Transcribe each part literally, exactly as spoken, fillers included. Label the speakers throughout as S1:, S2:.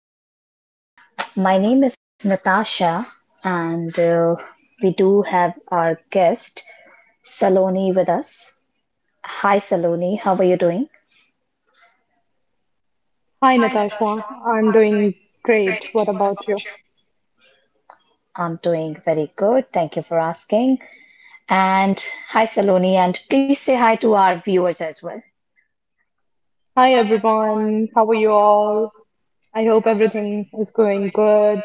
S1: podcast. My name is Natasha, and uh, we do have our guest Saloni with us. Hi Saloni, how are you doing?
S2: Hi, Natasha. I'm doing great. What about you?
S1: I'm doing very good, thank you for asking. And hi Saloni, and please say hi to our viewers as well.
S2: Hi, everyone. How are you all? I hope everything is going good.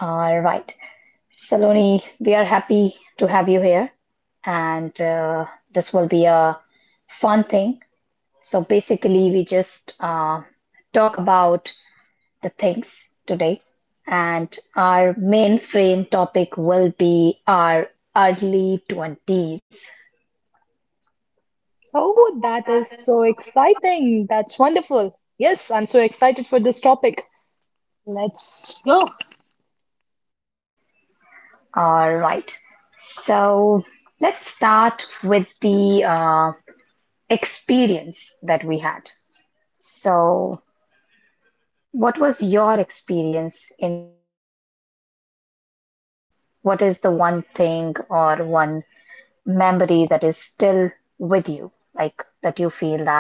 S1: All right, Saloni, we are happy to have you here, and uh, this will be a fun thing. So basically, we just uh, talk about the things today, and our main frame topic will be our early twenties.
S2: Oh, that is so exciting. That's wonderful. Yes, I'm so excited for this topic. Let's go.
S1: All right. So let's start with the uh, experience that we had. So, what was your experience in your early twenties, or what is the one thing or one memory that is still with you? Like that you feel that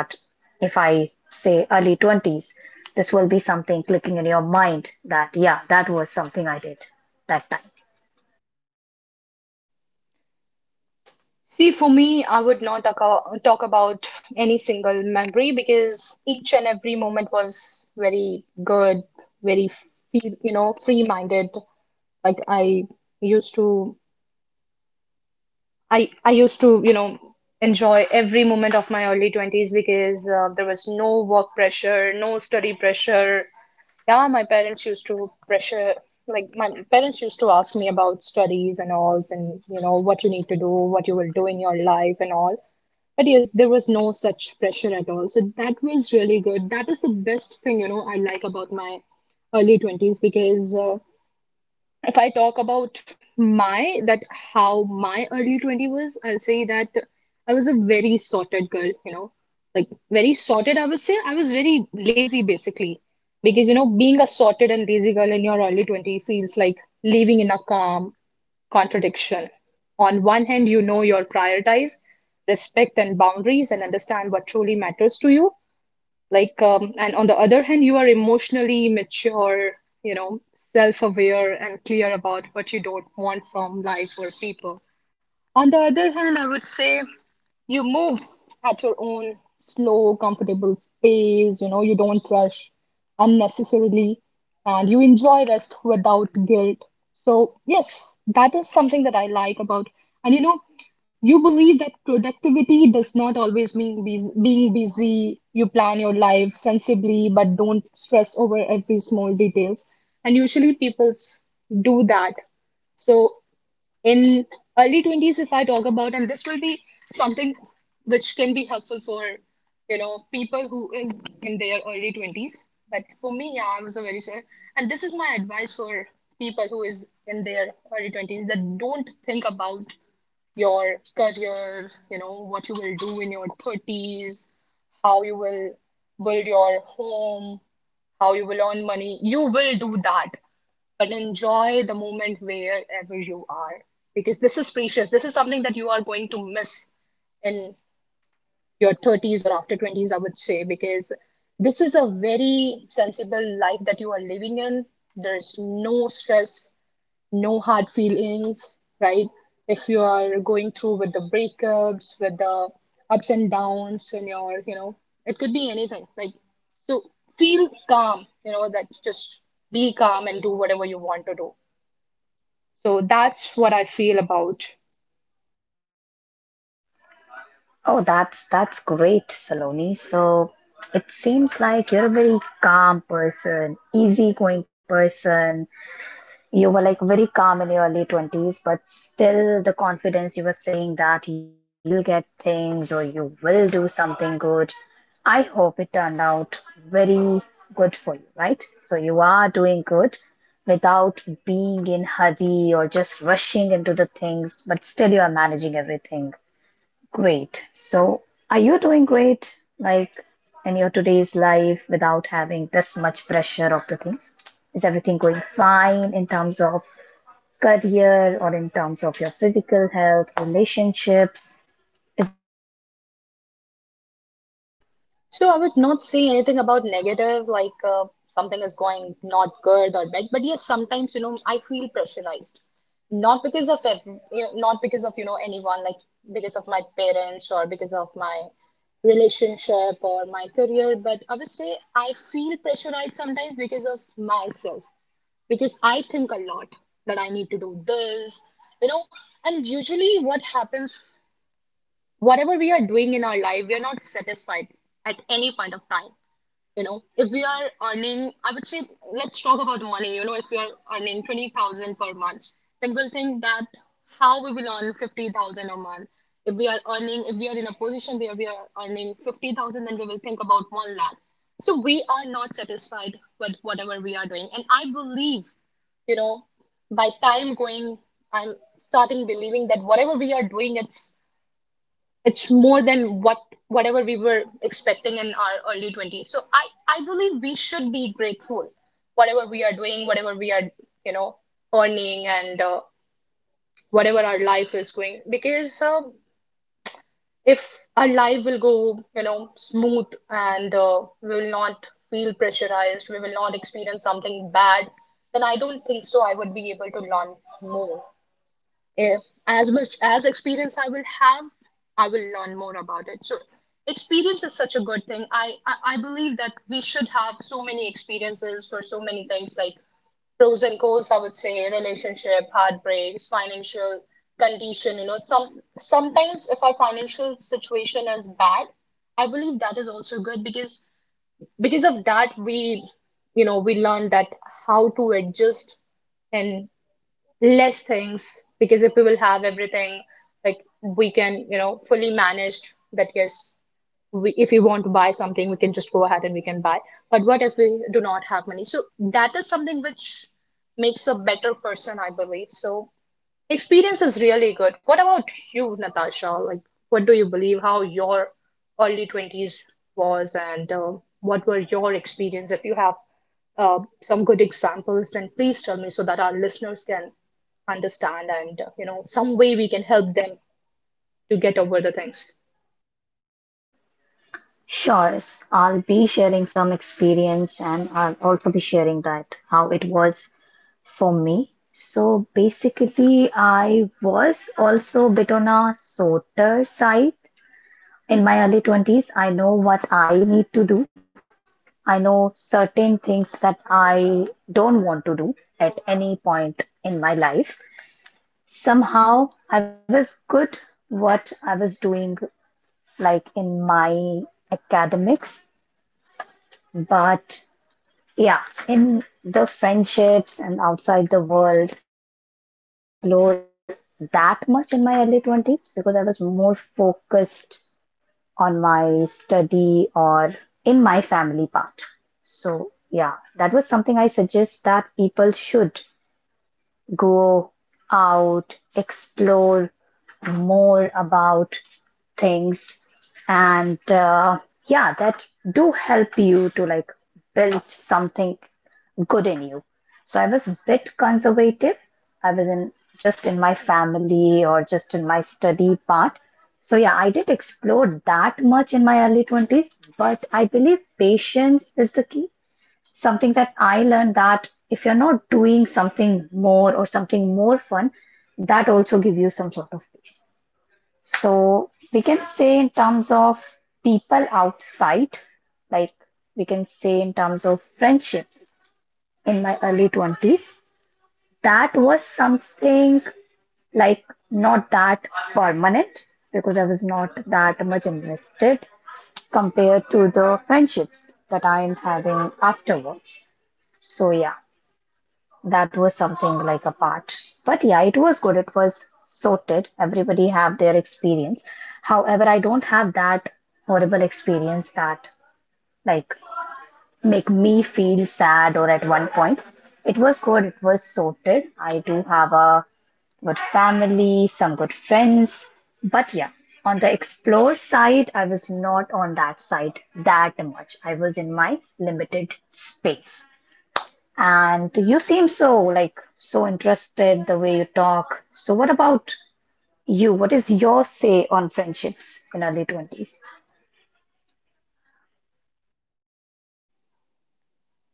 S1: if I say early twenties, this will be something clicking in your mind that, yeah, that was something I did that time.
S2: See, for me, I would not talk talk about any single memory because each and every moment was very good, very feel, you know, free-minded. Like I used to I I used to, you know, enjoy every moment of my early twenties because uh, there was no work pressure, no study pressure. Yeah, my parents used to pressure, like my parents used to ask me about studies and all, and you know what you need to do, what you will do in your life and all. But yes, there was no such pressure at all. So that was really good. That is the best thing, you know, I like about my early twenties because uh, if I talk about my that how my early twenty was, I'll say that I was a very sorted girl, you know, like very sorted. I would say I was very lazy basically because you know, being a sorted and lazy girl in your early twenty feels like living in a calm contradiction. On one hand, you know you're prioritize, respect and boundaries and understand what truly matters to you. Like, um, and on the other hand, you are emotionally mature, you know, self-aware and clear about what you don't want from life or people. On the other hand, I would say you move at your own slow, comfortable pace, you know, you don't rush unnecessarily, and you enjoy rest without guilt. So, yes, that is something that I like about. And you know, you believe that productivity does not always mean bus being busy. You plan your life sensibly, but don't stress over every small details. And usually, people do that. So in early twenties, if I talk about, and this will be something which can be helpful for, you know, people who is in their early twenties, but for me, yeah, I was a very sad. And this is my advice for people who is in their early twenties, that don't think about your career, you know what you will do in your thirties, how you will build your home, how you will earn money. You will do that, but enjoy the moment wherever you are, because this is precious. This is something that you are going to miss in your thirties or after twenties, I would say, because this is a very sensible life that you are living in. There's no stress, no hard feelings, right? If you are going through with the breakups, with the ups and downs in your, you know, it could be anything. Like, so feel calm, you know, that just be calm and do whatever you want to do. So that's what I feel about.
S1: Oh, that's that's great, Saloni. So it seems like you're a very calm person, easygoing person. You were like very calm in your early twenties, but still the confidence you were saying that you will get things or you will do something good. I hope it turned out very good for you, right? So you are doing good without being in hurry or just rushing into the things, but still you are managing everything. Great. So, are you doing great, like in your today's life without having this much pressure of the things? Is everything going fine in terms of career or in terms of your physical health, relationships? Is everything good?
S2: So I would not say anything about negative, like uh, something is going not good or bad. But yes, sometimes you know I feel pressurized, not because of ev- you know, not because of you know anyone, like because of my parents or because of my relationship or my career. But I would say I feel pressurized sometimes because of myself, because I think a lot that I need to do this, you know. And usually, what happens, whatever we are doing in our life, we are not satisfied at any point of time. You know, if we are earning, I would say, let's talk about money. You know, if we are earning twenty thousand per month, then we'll think that how we will earn fifty thousand a month. If we are earning, if we are in a position where we are earning fifty thousand, then we will think about one lakh. So we are not satisfied with whatever we are doing. And I believe, you know, by time going, I'm starting believing that whatever we are doing, it's it's more than what whatever we were expecting in our early twenties. So i i believe we should be grateful whatever we are doing, whatever we are, you know, earning, and uh, whatever our life is going, because uh, if our life will go, you know, smooth, and uh, we will not feel pressurized, we will not experience something bad, then I don't think so I would be able to learn more. If as much as experience I will have, I will learn more about it. So experience is such a good thing. I, I, I believe that we should have so many experiences for so many things, like pros and cons, I would say, relationship, heartbreaks, financial condition, you know, some sometimes if our financial situation is bad, I believe that is also good because because of that we, you know, we learn that how to adjust and less things, because if we will have everything, like we can, you know, fully managed that, yes, we, if we want to buy something, we can just go ahead and we can buy. But what if we do not have money? So that is something which makes a better person, I believe. So experience is really good. What about you, Natasha, like what do you believe, how your early twenties was, and uh, what were your experience? If you have uh, some good examples, and please tell me, so that our listeners can understand, and uh, you know, some way we can help them to get over the things.
S1: Sure. i I'll be sharing some experience and I'll also be sharing that how it was for me. So basically, I was also a bit on a softer side in my early twenties. I know what I need to do. I know certain things that I don't want to do at any point in my life. Somehow, I was good what I was doing, like in my academics, but yeah, in the friendships and outside the world, maybe I didn't explore that much in my early twenties because I was more focused on my study or in my family part. So, yeah, that was something I suggest that people should go out, explore more about things, and uh, yeah, that do help you to like build something good in you. So I was a bit conservative. I was in just in my family or just in my study part. So yeah, I did explore that much in my early twenties, but I believe patience is the key. Something that I learned that if you're not doing something more or something more fun, that also give you some sort of peace. So we can say in terms of people outside, like we can say in terms of friendships in my early twenties, that was something like not that permanent because I was not that much invested compared to the friendships that I'm having afterwards. So yeah, that was something like a part. But yeah, it was good. It was sorted. Everybody have their experience. However, I don't have that horrible experience that like make me feel sad or at one point. It was good. It was sorted. I do have a good family, some good friends. But yeah, on the explore side, I was not on that side that much. I was in my limited space. And you seem so like so interested the way you talk. So what about you? What is your say on friendships in early twenties?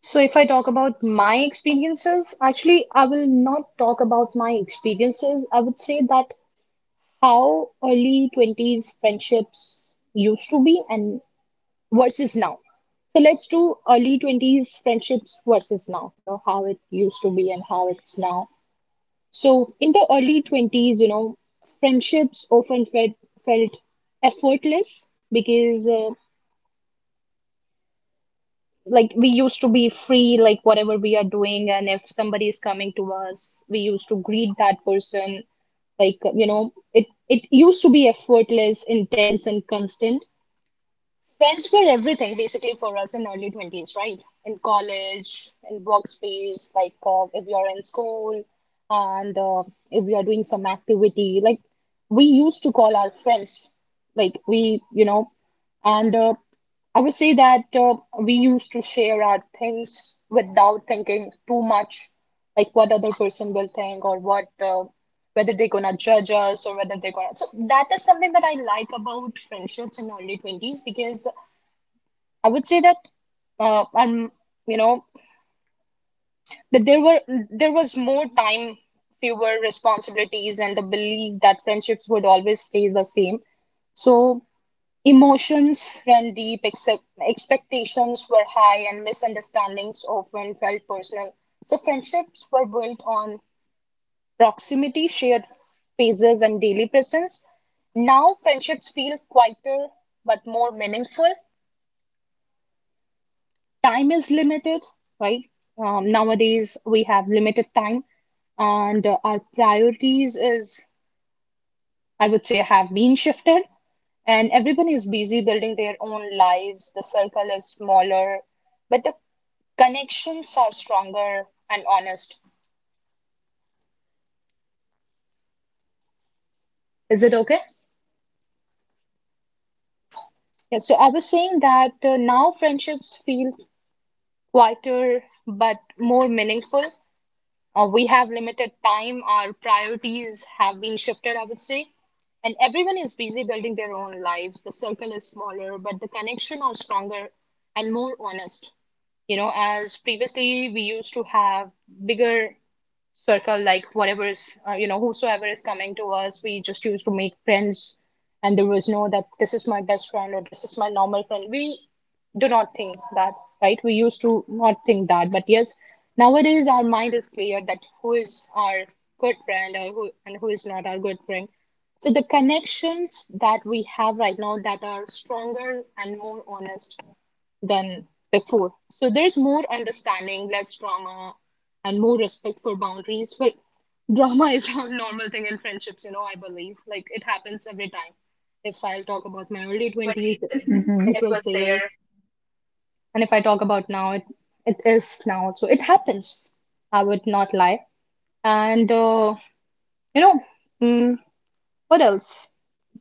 S2: So if I talk about my experiences, actually I will not talk about my experiences. I would say that how early twenties friendships used to be, and versus now. So let's do early twenties friendships versus now, you know, how it used to be and how it's now. So in the early twenties, you know, friendships often felt, felt effortless because uh, like we used to be free, like whatever we are doing. And if somebody is coming to us, we used to greet that person. Like, you know, it, it used to be effortless, intense, and constant. Friends were everything basically for us in early twenties, right? In college, in workspace, like uh, if you're in school, and uh, if you're doing some activity, like we used to call our friends, like we, you know, and uh, I would say that uh, we used to share our things without thinking too much, like what other person will think, or what uh, whether they're gonna judge us, or whether they're gonna. So that is something that I like about friendships in early twenties, because I would say that uh, I'm you know, that there were there was more time, fewer responsibilities, and the belief that friendships would always stay the same. So emotions ran deep, except expectations were high, and misunderstandings often felt personal. So friendships were built on proximity, shared phases, and daily presence. Now friendships feel quieter but more meaningful. Time is limited, right? Um, nowadays we have limited time, and uh, our priorities is, I would say, have been shifted. And everyone is busy building their own lives. The circle is smaller, but the connections are stronger and honest. Is it okay? Yeah, so I was saying that uh, now friendships feel quieter but more meaningful. Uh, we have limited time, our priorities have been shifted, I would say. And everyone is busy building their own lives. The circle is smaller, but the connection are stronger and more honest. You know, as previously we used to have bigger circle, like whatever is, uh, you know, whosoever is coming to us, we just used to make friends. And there was no that this is my best friend or this is my normal friend. We do not think that, right? We used to not think that. But yes, nowadays our mind is clear that who is our good friend, or who, and who is not our good friend. So the connections that we have right now, that are stronger and more honest than before. So there's more understanding, less drama, and more respect for boundaries. But drama is a normal thing in friendships, you know, I believe. Like it happens every time. If I'll talk about my early twenties,
S1: Hmm.
S2: it was there. And if I talk about now, it, it is now. So it happens. I would not lie. And, uh, you know, mm, what else?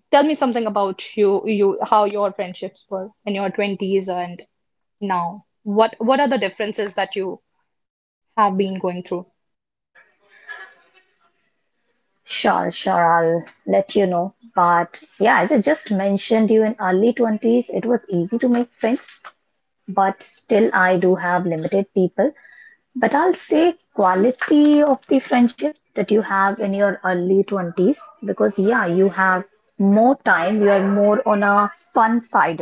S2: Tell me something about you, you, how your friendships were in your twenties and now. What, what are the differences that you have been going through.
S1: Sure, sure, I'll let you know. But yeah, as I just mentioned you in early twenties, it was easy to make friends, but still I do have limited people. But I'll say quality of the friendship that you have in your early twenties because yeah, you have more time, you are more on a fun side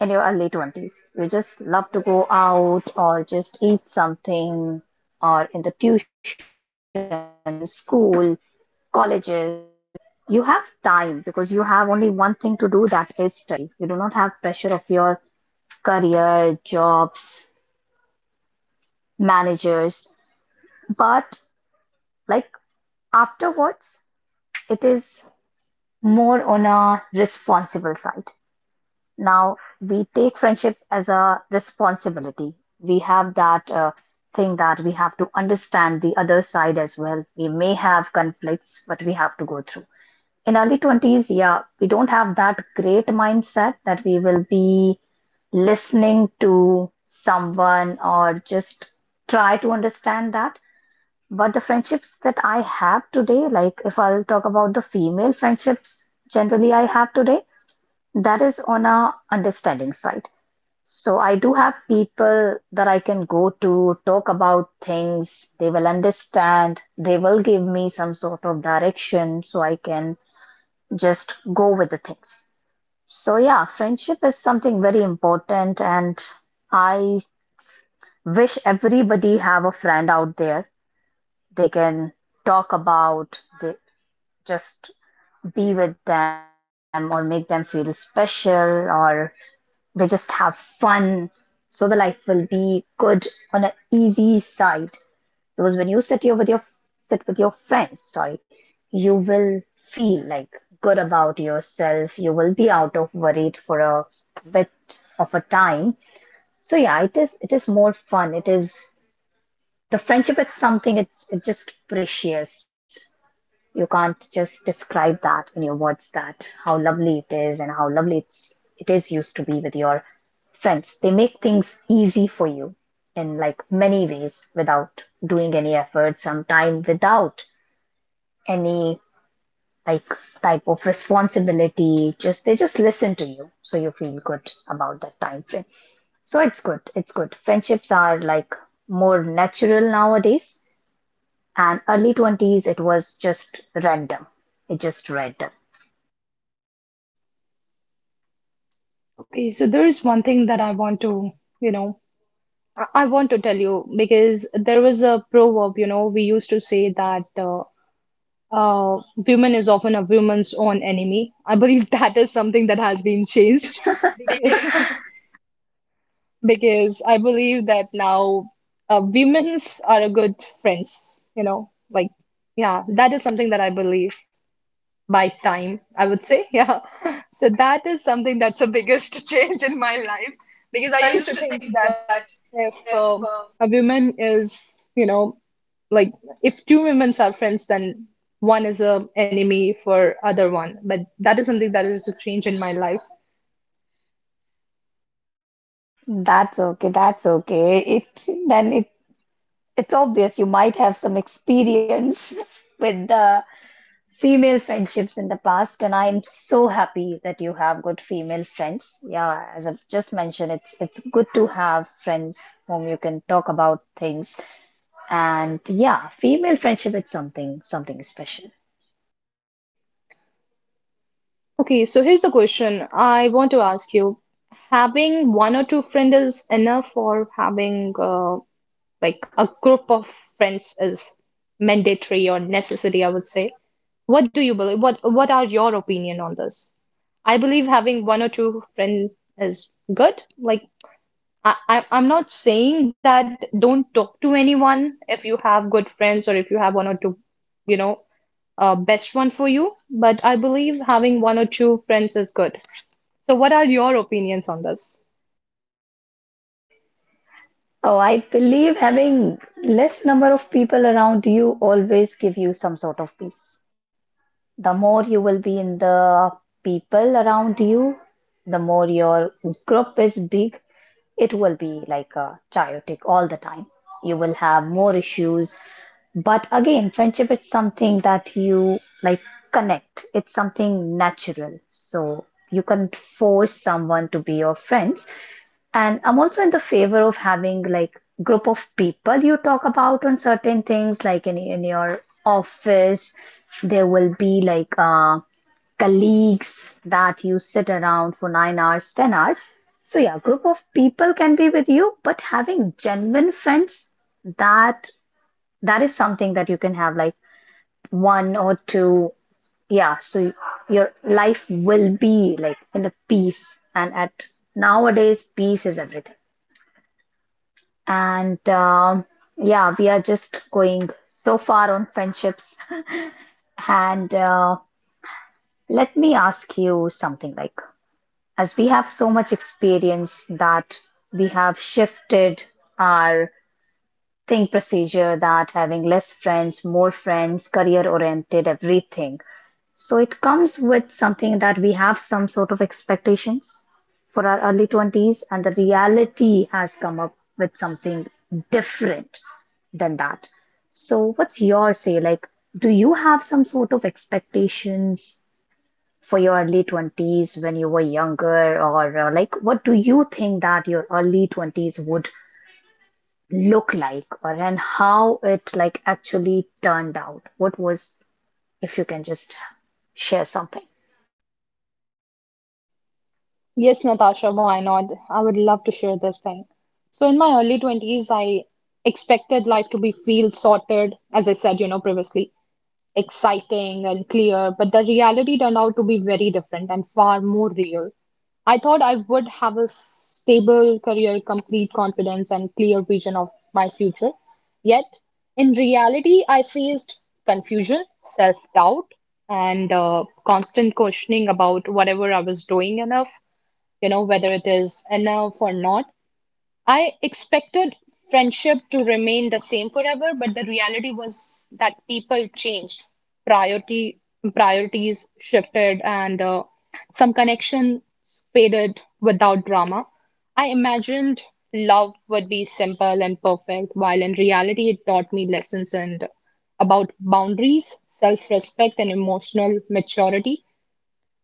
S1: in your early twenties. You just love to go out or just eat something or in the tuition, school, colleges. You have time because you have only one thing to do that is study. You do not have pressure of your career, jobs, managers. But like afterwards, it is more on a responsible side. Now we take friendship as a responsibility. We have that uh, thing that we have to understand the other side as well. We may have conflicts, but we have to go through. In early twenties, yeah, we don't have that great mindset that we will be listening to someone or just try to understand that. But the friendships that I have today, like if I'll talk about the female friendships generally I have today, that is on a understanding side. So I do have people that I can go to talk about things. They will understand. They will give me some sort of direction so I can just go with the things. So yeah, friendship is something very important and I wish everybody have a friend out there they can talk about, they just be with them or make them feel special or they just have fun. So the life will be good on an easy side. Because when you sit here with your sit with your friends, sorry, you will feel like good about yourself. You will be out of worried for a bit of a time. So yeah, it is it is more fun. It is the friendship, it's something it's it's just precious. You can't just describe that in your words that how lovely it is and how lovely it's it is used to be with your friends. They make things easy for you in like many ways without doing any effort, sometime without any like type of responsibility. Just they just listen to you, so you feel good about that time frame. So it's good. It's good. Friendships are like more natural nowadays and early twenties it was just random it just random
S2: Okay, so there is one thing that I want to, you know, I, I want to tell you, because there was a proverb, you know, we used to say that uh, uh, woman is often a woman's own enemy. I believe that is something that has been changed because, because I believe that now uh, women's are a good friends, you know, like, yeah, that is something that I believe. By time, I would say. Yeah. So that is something that's the biggest change in my life because I used to think that if um, a woman is, you know, like if two women are friends, then one is a enemy for other one. But that is something that is a change in my life.
S1: That's okay. That's okay. It then it it's obvious you might have some experience with the female friendships in the past, and I'm so happy that you have good female friends. Yeah, as I've just mentioned, it's it's good to have friends whom you can talk about things, and yeah, female friendship it's something something special.
S2: Okay, so here's the question I want to ask you. Having one or two friends is enough, or having uh, like a group of friends is mandatory or necessary, I would say. What do you believe? What what are your opinion on this? I believe having one or two friends is good. Like I, I I'm not saying that don't talk to anyone if you have good friends or if you have one or two, you know, uh, best one for you. But I believe having one or two friends is good. So what are your opinions on this?
S1: Oh, I believe having less number of people around you always give you some sort of peace. The more you will be in the people around you, the more your group is big, it will be like uh, chaotic all the time. You will have more issues. But again, friendship is something that you like connect. It's something natural. So you can't force someone to be your friends. And I'm also in the favor of having like group of people you talk about on certain things, like in in your office, there will be like uh, colleagues that you sit around for nine hours, ten hours. So yeah, group of people can be with you, but having genuine friends, that that is something that you can have like one or two. Yeah, so your life will be like in a peace. And at nowadays, peace is everything. And um yeah, we are just going so far on friendships. And uh, Let me ask you something like, as we have so much experience that we have shifted our think procedure that having less friends, more friends, career oriented, everything. So it comes with something that we have some sort of expectations for our early twenties, and the reality has come up with something different than that. So, what's your say? Like, do you have some sort of expectations for your early twenties when you were younger, or uh, like, what do you think that your early twenties would look like, or and how it like actually turned out? What was, if you can just share something?
S2: Yes, Natasha, why not? I would love to share this thing. So, in my early twenties, I expected life to be feel sorted, as I said, you know, previously, exciting and clear, but the reality turned out to be very different and far more real. I thought I would have a stable career, complete confidence, and clear vision of my future. Yet, in reality, I faced confusion, self doubt, and uh, constant questioning about whatever I was doing enough, you know, whether it is enough or not. I expected friendship to remain the same forever, but the reality was that people changed, priority priorities shifted, and uh, some connection faded without drama. I imagined love would be simple and perfect, while in reality, it taught me lessons and about boundaries, self-respect, and emotional maturity.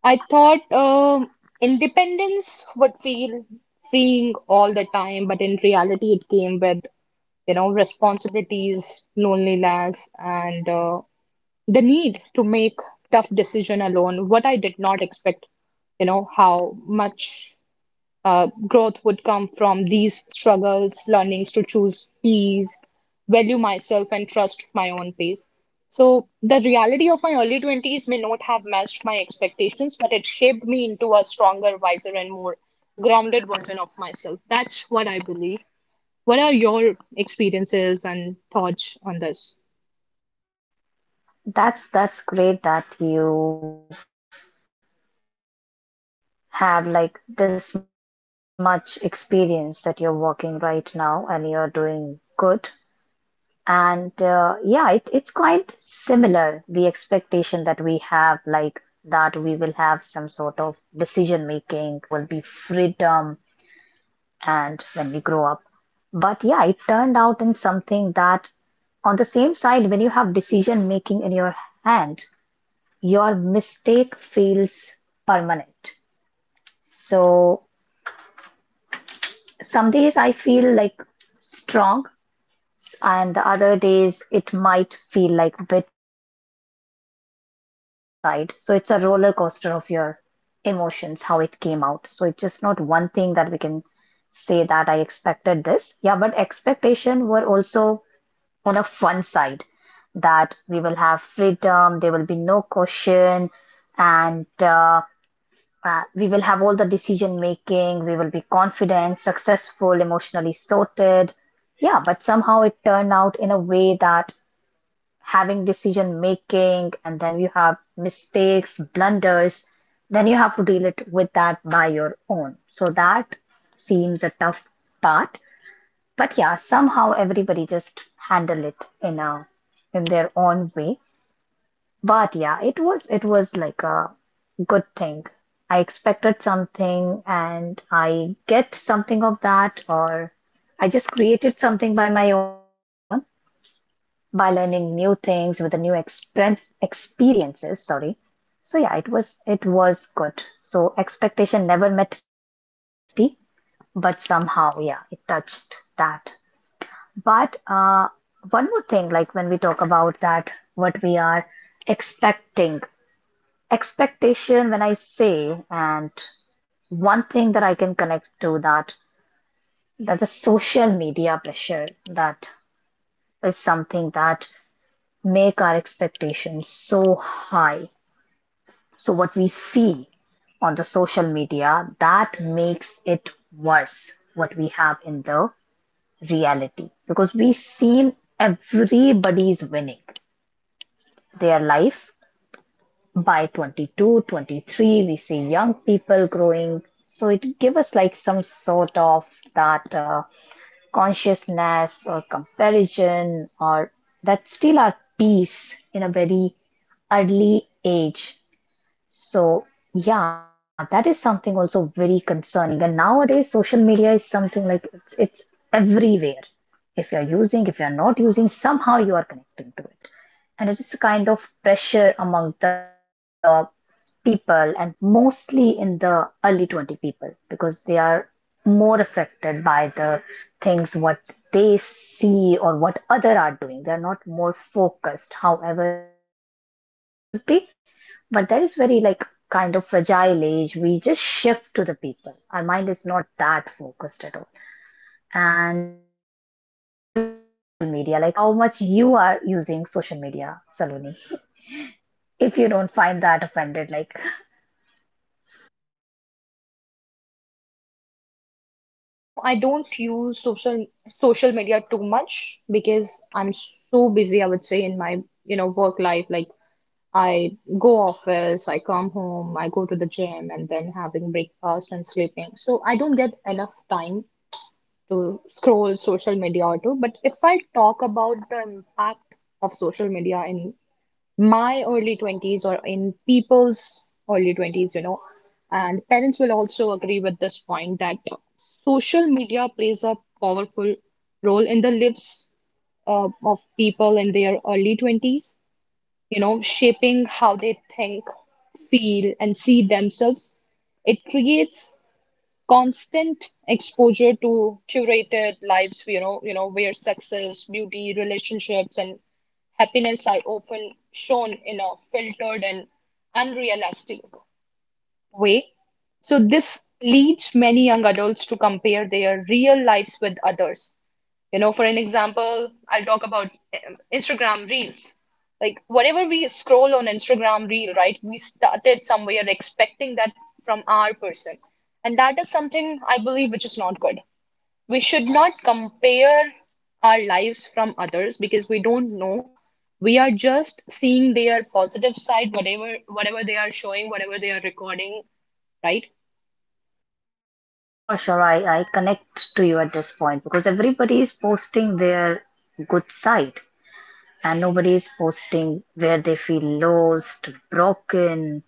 S2: I thought um, independence would feel freeing all the time, but in reality, it came with, you know, responsibilities, loneliness, and uh, the need to make tough decision alone. What I did not expect, you know, how much uh, growth would come from these struggles, learnings to choose peace, value myself, and trust my own pace. So, the reality of my early twenties may not have matched my expectations, but it shaped me into a stronger, wiser, and more grounded version of myself. That's what I believe. What are your experiences and thoughts on this?
S1: That's that's great that you have like this much experience that you're working right now and you're doing good. And uh, Yeah, it, it's quite similar, the expectation that we have, like that we will have some sort of decision making, there will be freedom, and when we grow up. But yeah, it turned out in something that on the same side, when you have decision making in your hand, your mistake feels permanent. So some days I feel like strong, and the other days it might feel like a bit confusion on a side. So it's a roller coaster of your emotions, how it came out. So it's just not one thing that we can say that I expected this. Yeah, but expectation were also on a fun side that we will have freedom, there will be no caution, and uh, Uh, we will have all the decision making, we will be confident, successful, emotionally sorted. Yeah, but somehow it turned out in a way that having decision making and then you have mistakes, blunders, then you have to deal it with that by your own. So that seems a tough part. But yeah, somehow everybody just handle it in a in their own way. But yeah, it was it was like a good thing. I expected something and I get something of that, or I just created something by my own by learning new things with the new experience experiences, sorry. So yeah, it was it was good. So expectation never met reality, but somehow, yeah, it touched that. But uh, one more thing, like when we talk about that, what we are expecting expectation when I say, and one thing that I can connect to that, that the social media pressure that is something that make our expectations so high. So what we see on the social media, that makes it worse what we have in the reality, because we seem everybody's winning their life by twenty-two twenty-three, we see young people growing, so it gives us like some sort of that uh, consciousness or comparison or that still our peace in a very early age. So yeah, that is something also very concerning, and nowadays social media is something like it's it's everywhere. If you're using, if you're not using, somehow you are connecting to it. And it is a kind of pressure among the people, and mostly in the early twenty people, because they are more affected by the things what they see or what other are doing. They are not more focused, however that is the age we should be. But that is very like kind of fragile age, we just shift to the people, our mind is not that focused at all. And are you on social media, like how much you are using social media, Saloni? If you don't find that offended, like
S2: So if I talk about now, I don't use social social media too much because I'm so busy, I would say, in my, you know, work life, like I go office, I come home, I go to the gym, and then having breakfast and sleeping. So I don't get enough time to scroll social media or to. But if I talk about the impact of social media in my early twenties or in people's early twenties, you know, and parents will also agree with this point that social media plays a powerful role in the lives uh, of people in their early twenties, you know, shaping how they think, feel, and see themselves. It creates constant exposure to curated lives, you know, you know, where success, beauty, relationships, and happiness are often shown in a filtered and unrealistic way. So this leads many young adults to compare their real lives with others, you know, for an example, I'll talk about um, Instagram Reels. Like, whatever we scroll on Instagram Reel, right, we started somewhere expecting that from our person. And that is something I believe which is not good. We should not compare our lives from others because we don't know. We are just seeing their positive side, whatever whatever they are showing, whatever they are recording, right?
S1: Sure, sure. I, I connect to you at this point, because everybody is posting their good side, and nobody is posting where they feel lost, broken,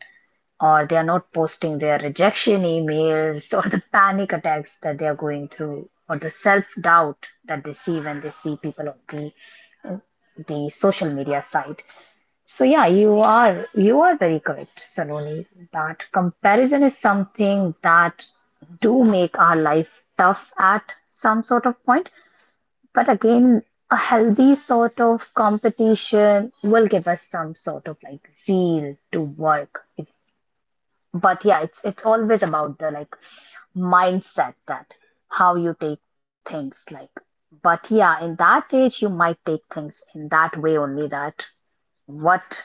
S1: or they are not posting their rejection emails or the panic attacks that they are going through or the self doubt that they see when they see people on the, the social media side. So yeah, you are you are very correct, Saloni, that comparison is something that do make our life tough at some sort of point. But again, a healthy sort of competition will give us some sort of like zeal to work. If, But yeah, it's it's always about the like mindset that how you take things like. But yeah, in that age, you might take things in that way only, that what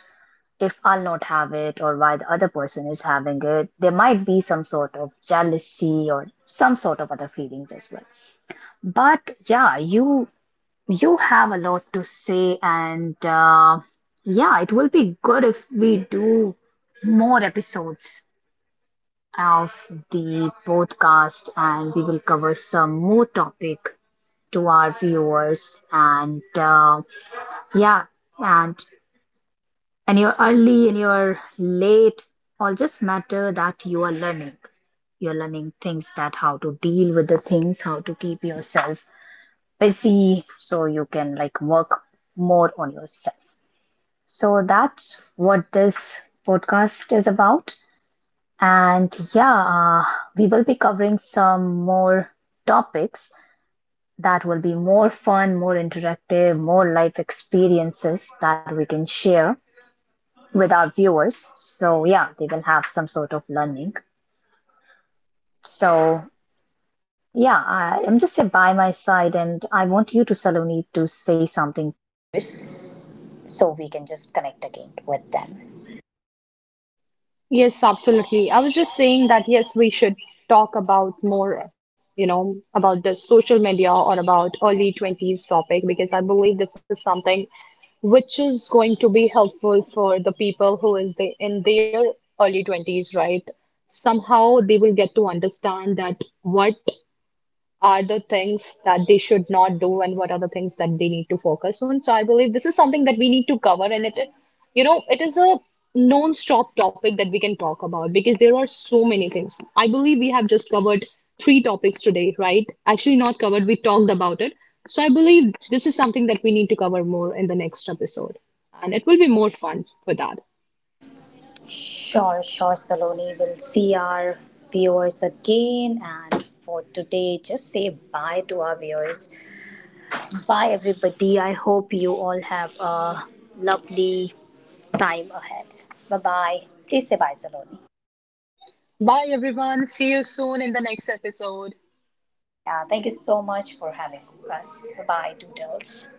S1: if I'll not have it, or why the other person is having it? There might be some sort of jealousy or some sort of other feelings as well. But yeah, you you have a lot to say, and uh, yeah, it will be good if we do more episodes of the podcast, and we will cover some more topic to our viewers, and uh, yeah, and and you're early and you're late, all just matter that you are learning you're learning things, that how to deal with the things, how to keep yourself busy, so you can like work more on yourself. So that's what this podcast is about. And yeah, uh, we will be covering some more topics that will be more fun, more interactive, more life experiences that we can share with our viewers. So yeah, they will have some sort of learning. So yeah, I, I'm just by my side, and I want you to Saloni to say something first, so we can just connect again with them.
S2: Yes, absolutely. I was just saying that yes, we should talk about more, you know, about the social media or about early twenties topic because I believe this is something which is going to be helpful for the people who is the, in their early twenties, right? Somehow they will get to understand that what are the things that they should not do and what are the things that they need to focus on. So I believe this is something that we need to cover and it, you know, it is a non-stop topic that we can talk about because there are so many things. I believe we have just covered three topics today, right? Actually not covered, we talked about it. So I believe this is something that we need to cover more in the next episode. And it will be more fun for that.
S1: Sure, sure, Saloni. We'll see our viewers again, and for today just say bye to our viewers. Bye everybody, I hope you all have a lovely time ahead. Bye bye. Please say bye, Saloni.
S2: Bye everyone. See you soon in the next episode.
S1: Yeah, thank you so much for having us. Bye bye, Doodles.